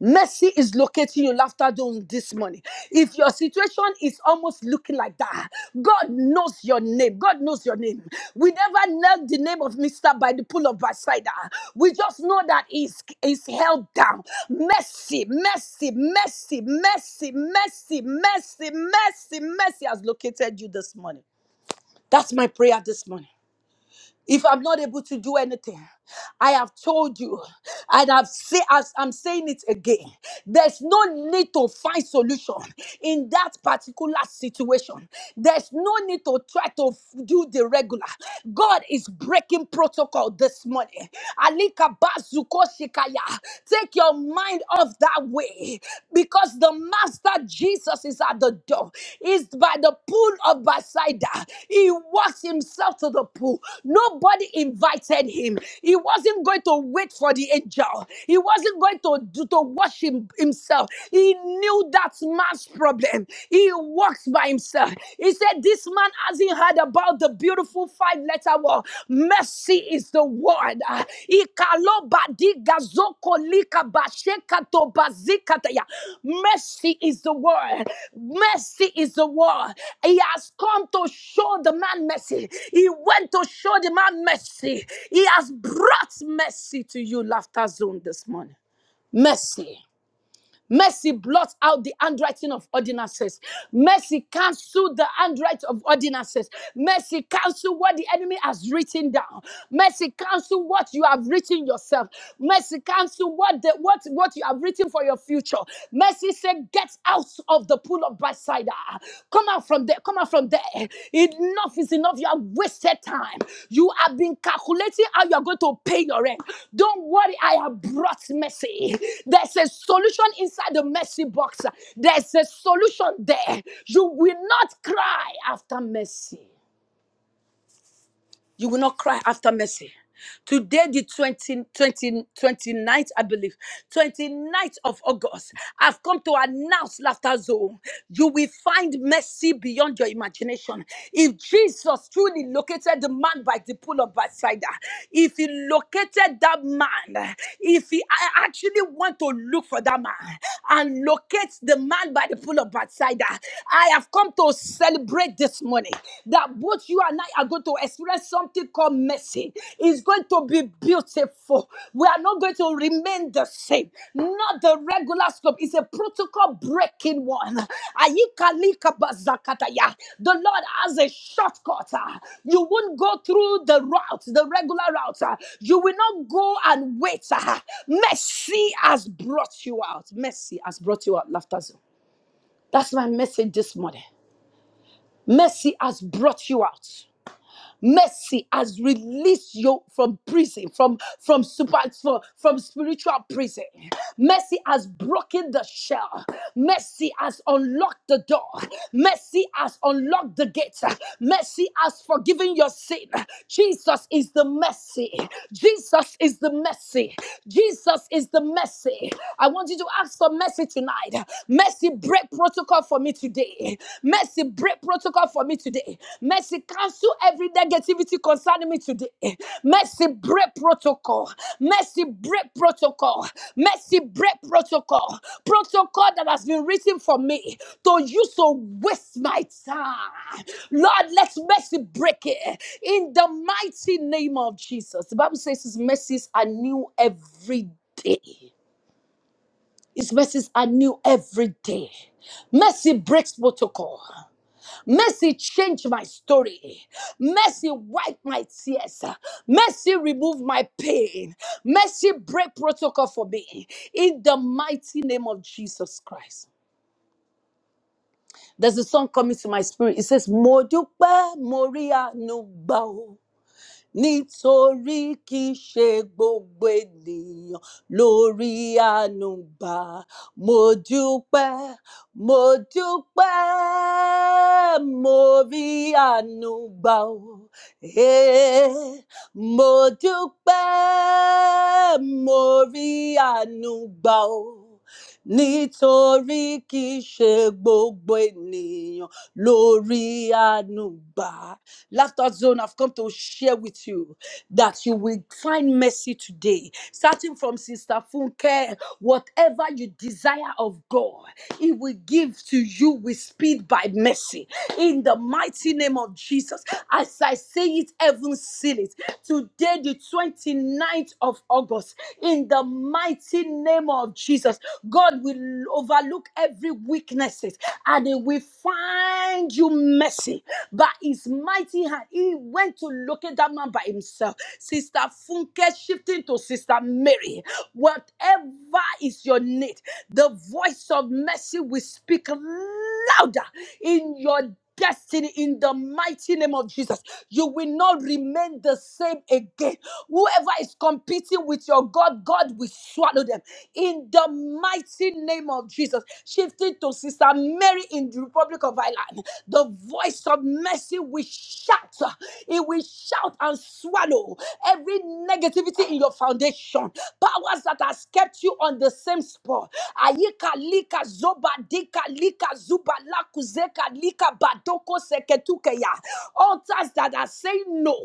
Mercy is locating you laughter zone this morning. If your situation is almost looking like that, God knows your name. God knows your name. We never knelt the name of Mr. by the pool of Bethsaida. We just know that he's, he's held down. Mercy, mercy, mercy, mercy, mercy, mercy, mercy, mercy has located you this morning. That's my prayer this morning. If I'm not able to do anything, I have told you, and I've say, as I'm saying it again, there's no need to find solution in that particular situation. There's no need to try to f- do the regular. God is breaking protocol this morning. Alika bazuko shikaya. Take your mind off that way today, because the Master Jesus is at the door. He's by the pool of Bethesda. He walks himself to the pool. Nobody invited him. He wasn't going to wait for the angel. He wasn't going to do to wash him, himself. He knew that man's problem. He walks by himself. He said, "This man hasn't heard about." the beautiful five letter word. Mercy is the word. Ah, Mercy is the word. Mercy is the word. He has come to show the man mercy. He went to show the man mercy. He has brought mercy to you, Laughter Zone, this morning. Mercy. Mercy blots out the handwriting of ordinances. Mercy cancel the handwriting of ordinances. Mercy cancel what the enemy has written down. Mercy cancel what you have written yourself. Mercy cancel what the what what you have written for your future. Mercy say, get out of the pool of backsliding outsider. Come out from there. Come out from there. Enough is enough. You have wasted time. You have been calculating how you are going to pay your rent. Don't worry. I have brought mercy. There's a solution inside the mercy box. There's a solution there. You will not cry after mercy. You will not cry after mercy. Today, the twenty twenty twenty ninth, I believe, 29th of August, I've come to announce Laughter Zone. You will find mercy beyond your imagination. If Jesus truly located the man by the pool of Bethesda, if he located that man, if he I actually want to look for that man and locate the man by the pool of Bethesda, I have come to celebrate pray this morning that both you and I are going to experience something called mercy. It's going to be beautiful. We are not going to remain the same. Not the regular scope. It's a protocol breaking one. Ayikalikabazakataya. The Lord has a shortcut. ah. You won't go through the route, the regular route. ah. You will not go and wait. ah. Mercy has brought you out. Mercy has brought you out. Laughter zone. That's my message this morning. Mercy has brought you out. Mercy has released you from prison, from from super from, from spiritual prison. Mercy has broken the shell. Mercy has unlocked the door. Mercy has unlocked the gate. Mercy has forgiven your sin. Jesus is the mercy. Jesus is the mercy. Jesus is the mercy. I want you to ask for mercy tonight. Mercy break protocol for me today. Mercy, break protocol for me today. Mercy, cancel every negativity concerning me today. Mercy, break protocol. Mercy, break protocol. Mercy, break protocol. Protocol that has been written for me to use to waste my time. Lord, let mercy break it in the mighty name of Jesus. The Bible says His mercies are new every day. His mercies are new every day. Mercy breaks protocol. Mercy, change my story. Mercy, wipe my tears. Mercy, remove my pain. Mercy, break protocol for me. In the mighty name of Jesus Christ. There's a song coming to my spirit. It says, Modupe Moria Nubao nítorí kì í ṣe gbogbo ènìyàn lórí àánú gbà mo dúpẹ́ mo dúpẹ́ mo rí àánú gbà o Ee, mo dúpẹ́ mo rí àánú gbà o nítorí kì í ṣe gbogbo ènìyàn lórí ànúgbà. Laughter zone, I've come to share with you that you will find mercy today. Starting from Sister Funke, whatever you desire of God, He will give to you with speed by mercy. In the mighty name of Jesus, as I say it, heaven seal it today, the twenty ninth of August, in the mighty name of Jesus. God will overlook every weaknesses and he will find you mercy by his mighty hand. He went to locate that man by himself. Sister Funke shifting to Sister Mary. Whatever is your need, the voice of mercy will speak louder in your destiny in the mighty name of Jesus. You will not remain the same again. Whoever is competing with your God, God will swallow them in the mighty name of Jesus. Shifting to Sister Mary in the Republic of Ireland, the voice of mercy will shout. It will shout and swallow every negativity in your foundation. Powers that has kept left you on the same spot. Ayika lika zoba dika lika zuba laku zeka lika badoko seketukeya. Altars that are saying no,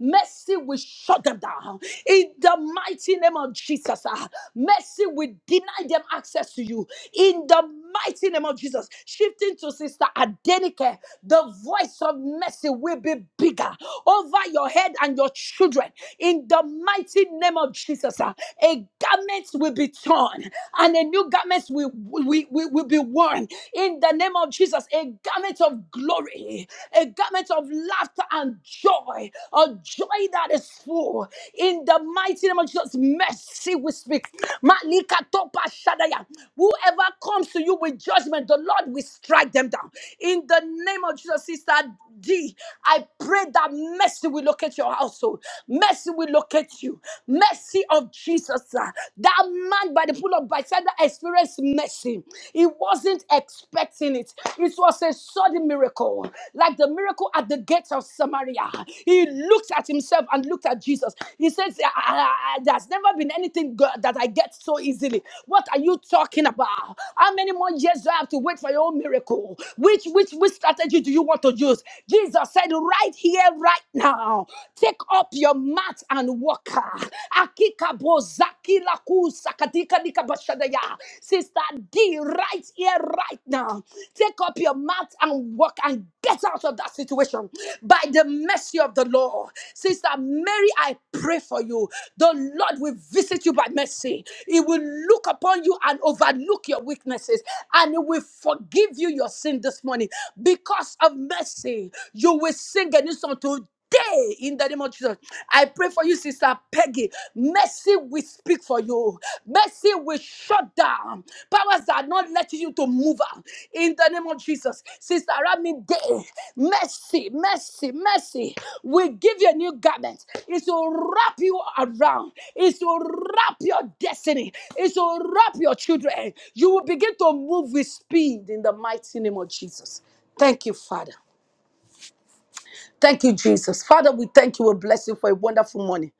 mercy will shut them down. In the mighty name of Jesus, ah, mercy will deny them access to you. In the mighty name of Jesus, shifting to Sister Adenike, the voice of mercy will be bigger over your head and your children. In the mighty name of Jesus. Jesus, uh, a garment will be torn and a new garment will, will, will, will be worn. In the name of Jesus, a garment of glory, a garment of laughter and joy, a joy that is full. In the mighty name of Jesus, mercy we speak. Malika topa shadaya. Whoever comes to you with judgment, the Lord will strike them down. In the name of Jesus, Sister D, I pray that mercy will locate your household. Mercy will locate you. Mercy of Jesus. ah. That man by the pool of Bethesda experienced mercy. He wasn't expecting it. It was a sudden miracle, like the miracle at the gates of Samaria. He looked at himself and looked at Jesus. He says, "Ah, ah, ah, "There's never been anything good that I get so easily. What are you talking about? How many more years do I have to wait for your own miracle? Which which which strategy do you want to use?" Jesus said, "Right here, right now." Take up your mat and walk. Akika bozaki laku sakadika dika bashadaya. Sister D, right here, right now. Take up your mat and walk and get out of that situation by the mercy of the Lord. Sister Mary, I pray for you. The Lord will visit you by mercy. He will look upon you and overlook your weaknesses and He will forgive you your sin this morning. Because of mercy, you will sing a new song to Day in the name of Jesus, I pray for you, Sister Peggy. Mercy will speak for you, mercy will shut down powers that are not letting you to move out in the name of Jesus. Sister Rami Day, mercy, mercy, mercy will give you a new garment, it will wrap you around, it will wrap your destiny, it will wrap your children. You will begin to move with speed in the mighty name of Jesus. Thank you, Father. Thank you, Jesus. Father, we thank you. We bless you for a wonderful morning.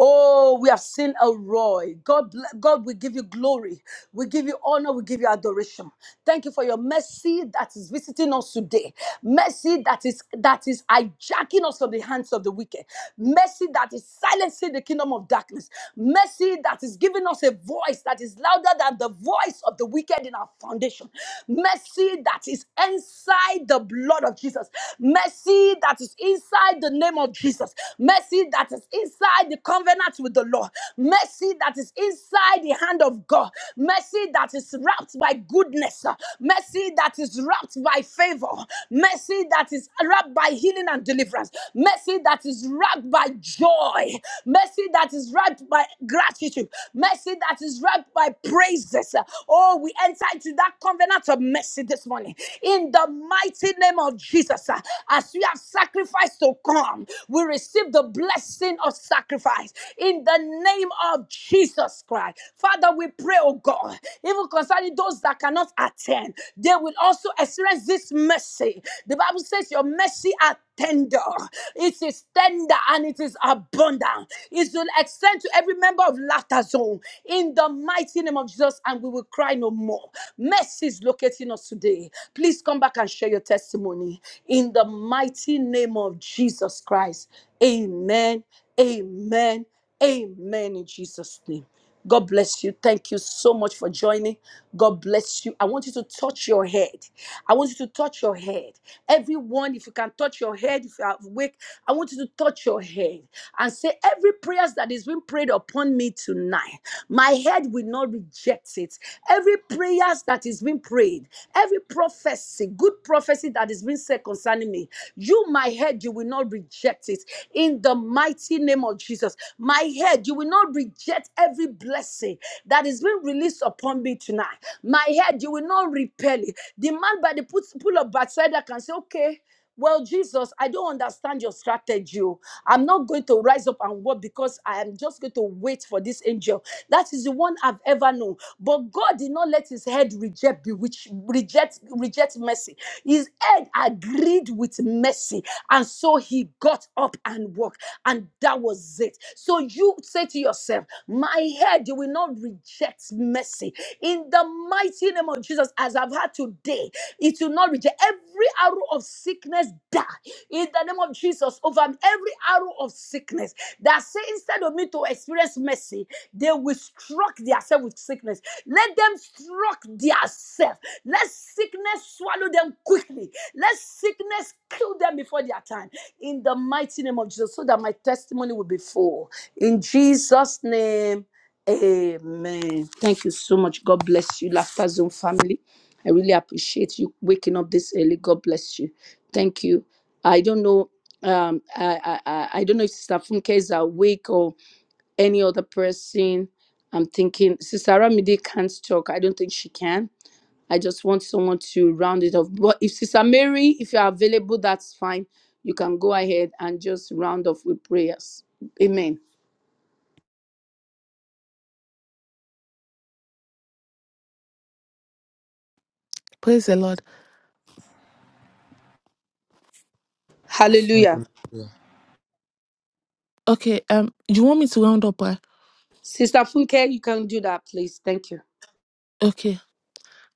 Oh, we have seen a roy. God, ble- God, we give you glory. We give you honor. We give you adoration. Thank you for your mercy that is visiting us today. Mercy that is that is hijacking us from the hands of the wicked. Mercy that is silencing the kingdom of darkness. Mercy that is giving us a voice that is louder than the voice of the wicked in our foundation. Mercy that is answered inside the blood of Jesus. Mercy that is inside the name of Jesus. Mercy that is inside the covenant with the Lord. Mercy that is inside the hand of God. Mercy that is wrapped by goodness. Mercy that is wrapped by favor. Mercy that is wrapped by healing and deliverance. Mercy that is wrapped by joy. Mercy that is wrapped by gratitude. Mercy that is wrapped by praises. Oh, we enter into that that covenant of mercy this morning. In the mighty name of Jesus, uh, as we have sacrificed to come, we receive the blessing of sacrifice. In the name of Jesus Christ. Father, we pray, oh God, even concerning those that cannot attend, they will also experience this mercy. The Bible says, Your mercy are tender. It is tender and it is abundant. It will extend to every member of Laughter Zone. In the mighty mighty name of Jesus, and we will cry no more. Mercy is locating us today. Please come back and share your testimony in the mighty name of Jesus Christ. Amen. Amen. Amen. In Jesus' name. God bless you. Thank you so much for joining. God bless you. I want you to touch your head. I want you to touch your head. Everyone, if you can touch your head, if you are awake, I want you to touch your head and say every prayers that is being even prayed upon me tonight, my head will not reject it. Every prayers that is being prayed, every prophecy, good prophecy that is being said concerning me, you, my head, you will not reject it. In the mighty name of Jesus, my head, you will not reject every blessing that is being released upon me tonight. My head, you will not repel it. The man by the pull of backside can say, okay. Well, Jesus, I don't understand your strategy. oh. I'm not going to rise up and walk because I am just going to wait for this angel. That is the one I've ever known. But God did not let his head reject bewitch, reject, reject mercy. His head agreed with mercy. And so he got up and walked. And that was it. So you say to yourself, My head will not reject mercy. In the mighty name of Jesus, as I've had today, it will not reject every arrow of sickness die in the name of Jesus over every arrow of sickness that say instead of me to experience mercy, they will struck themselves with sickness. Let them struck themselves. Let sickness swallow them quickly. Let sickness kill them before their time. In the mighty name of Jesus, so that my testimony will be full. In Jesus' name, amen. Thank you so much. God bless you, Laughter Zone family. I really appreciate you waking up this early. God bless you. Thank you. I don't know. Um, I, I I I don't know if Sister Funke is awake or any other person. I'm thinking Sister Ramide can't talk. I don't think she can. I just want someone to round it off. But if Sister Mary, if you're available, that's fine. You can go ahead and just round off with prayers. Amen. Praise the Lord. Hallelujah. hear. Okay, um, you want me to round up? ah? Sister Funke, you can do that, please. Thank you. Okay.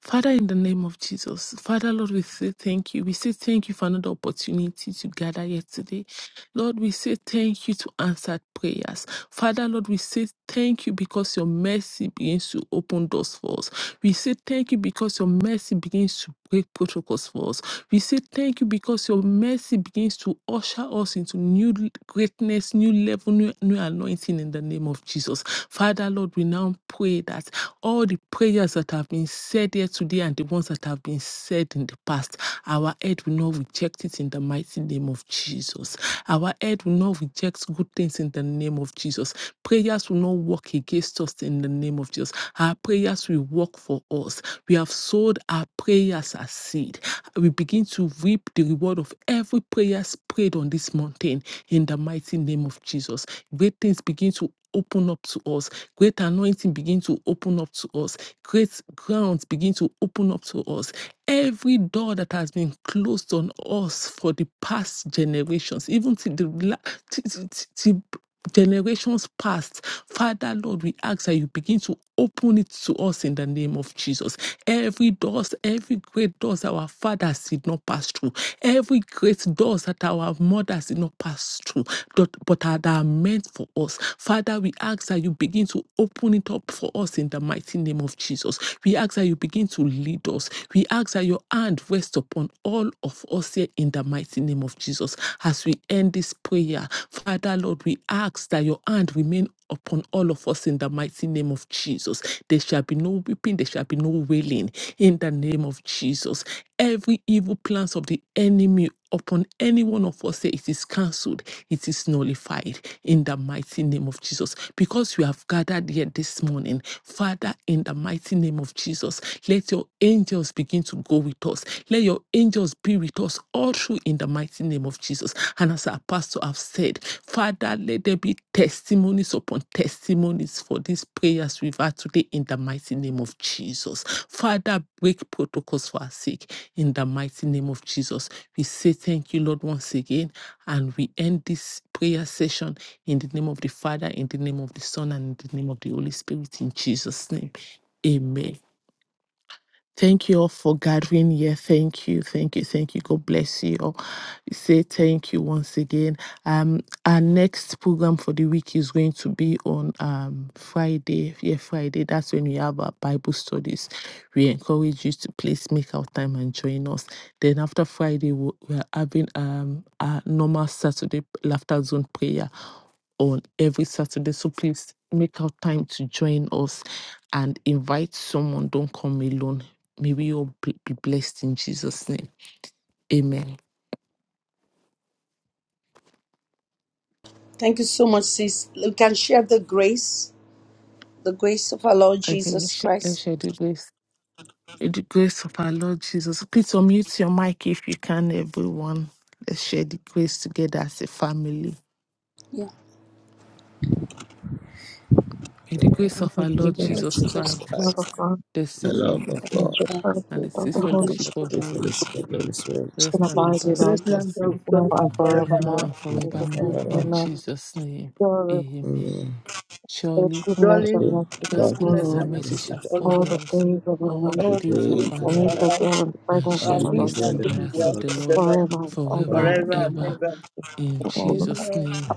Father, in the name of Jesus, Father, Lord, we say thank you. We say thank you for another opportunity to gather here today. Lord, we say thank you to answered prayers. Father, Lord, we say thank you because your mercy begins to open doors for us. We say thank you because your mercy begins to break protocols for us. We say thank you because your mercy begins to usher us into new greatness, new level, new, new anointing in the name of Jesus. Father, Lord, we now pray that all the prayers that have been said here today and the ones that have been said in the past, our head will not reject it in the mighty name of Jesus. Our head will not reject good things in the name of Jesus. Prayers will not work against us in the name of Jesus. Our prayers will work for us. We have sowed our prayers as seed. We begin to reap the reward of every prayer prayed on this mountain in the mighty name of Jesus. Great things begin to open up to us Great anointing begin to open up to us. Great grounds begin to open up to us. Every door that has been closed on us for the past generations, even to the la- till- till- till generations past, Father Lord, we ask that you begin to open it to us in the name of Jesus. Every doors, every great doors our fathers did not pass through, every great doors that our mothers did not pass through, but but are that are meant for us. Father, we ask that you begin to open it up for us in the mighty name of Jesus. We ask that you begin to lead us. Jesus. We ask that your hand rest upon all of us here in the mighty name of Jesus. As we end this prayer, Father Lord, we ask that your hand remain upon all of us in the mighty name of Jesus. There shall be no weeping, there shall be no wailing in the name of Jesus. Every evil plans of the enemy upon any one of us say it is cancelled, it is nullified in the mighty name of Jesus. Because we have gathered here this morning, Father, in the mighty name of Jesus, let your angels begin to go with us. Let your angels be with us all through in the mighty name of Jesus. And as our pastor have said, Father, let there be testimonies testimonies upon testimonies for these prayers we've had today in the mighty name of Jesus. Father, break protocols for our sake in the mighty name of Jesus. We say thank you, Lord, once again, and we end this prayer session in the name of the Father, in the name of the Son, and in the name of the Holy Spirit, in Jesus' name. Amen. Thank you all for gathering here. Thank you, thank you, thank you. God bless you all. Say thank you once again. Um, our next program for the week is going to be on um Friday. Yeah, Friday. That's when we have our Bible studies. We encourage you to please make out time and join us. Then after Friday, we we are having um our normal Saturday laughter zone prayer on every Saturday. So please make out time to join us and invite someone. Don't come alone May we all be be blessed in Jesus' name. Amen. Thank you so much, sis. We can share the grace, the grace of our Lord I think let's Jesus share, let's Christ, share the grace. May the grace of our Lord Jesus. Please unmute your mic if you can, everyone. Let's share the grace together as a family. Yeah. May the grace And of that our you, Lord the Lord Lord Jesus Jesus Jesus. Christ, love of Christ, God, the the sweet love love of of which God, God, your and the fellowship of sweet the Holy fellowship the of the free Holy fellowship of the Spirit Holy Spirit, Spirit and rest and abide with abide Bless with us land us of God now and and now forevermore. forevermore. and now In and Jesus' forevermore. name, forever. In Amen. Amen. Jesus' name, Surely, amen. Amen. His Surely goodness Surely, and Okay? mercy shall God's God's goodness mercy goodness follow us and and and mercy mercy mercy shall shall shall all follow follow the us us days of our all the life, follow all the the days of days days our of of and our we our lives life, shall life, dwell in the I presence of and shall and we the we can Lord rest dwell shall in in be the the in house the house of of house the the of the Lord Lord forever and forever Lord ever and forever and and ever. ever. ever. In Jesus' Amen. name,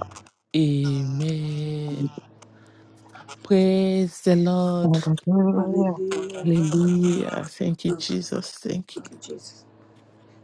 amen. Praise the Lord. Amen. Hallelujah. Hallelujah. Hallelujah. Thank you, Jesus. Thank you. Thank you, Jesus.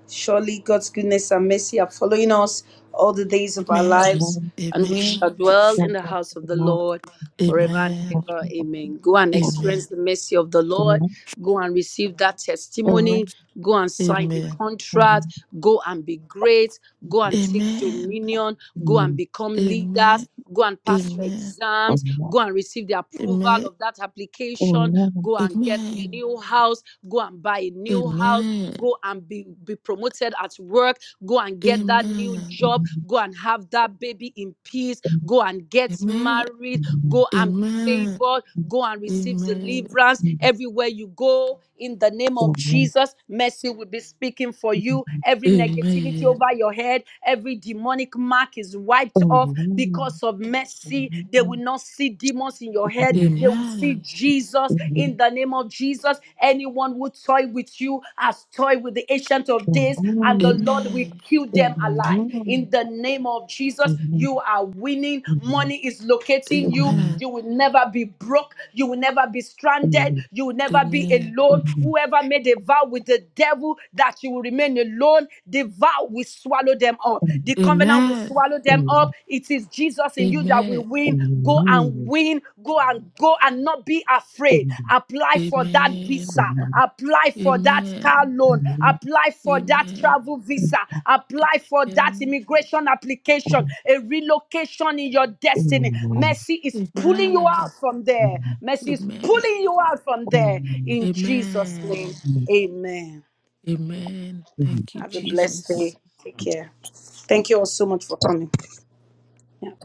Surely God's goodness and mercy are following us all the days of our Amen. lives, Amen. and we Amen. shall dwell in Thank the God house for of the the Lord. Lord forever and Amen. ever. Amen. Go and Amen. experience the mercy of the Lord. Amen. Go and receive that testimony. Amen. Go and sign the Amen. Amen. contract. Go and be great. Go and take Amen. dominion. Go and Amen. become Amen. leaders. Amen. Go and pass your Amen. exams. Amen. Go and receive the approval Amen. of that application. Amen. Go and get a Amen. new house. Go and buy a new house. Amen. Go and be, be promoted at work. Go and get that new job. Go and have that baby in peace. Amen. Go and get Amen. married. Amen. Go and be Amen. favored. Go and receive Amen. deliverance Amen. everywhere you go. In the name of Amen. Jesus, mercy will be speaking for you. Every negativity Amen. over your head, every demonic demonic mark is wiped off because of mercy. They will not see demons in your head. They will see Amen. Jesus in the name of Jesus. Anyone who toy with you has toy with the ancient of days, and the Lord will Amen. kill them alive. In the name of Jesus, you are winning. Money is locating you. Amen. You will never be broke. You will never be stranded. You will never be Amen. alone. Thank Whoever made a vow with the devil that you will remain alone, the the vow will swallow them up. The covenant will Amen. swallow them up. It is Jesus in you that will Amen. win. Go and win. Go and go and not be afraid. Amen. Apply for that visa. Amen. Apply for that car Amen. loan. Apply for that Amen. travel visa. Apply for that Amen. immigration application. A relocation in your destiny. Mercy is pulling you out from there. Mercy is pulling you out from there. In Jesus' name, Amen. amen. Amen. you. Thank you, Have a blessed Jesus. day. Take care. Thank you all so much for coming. Yeah.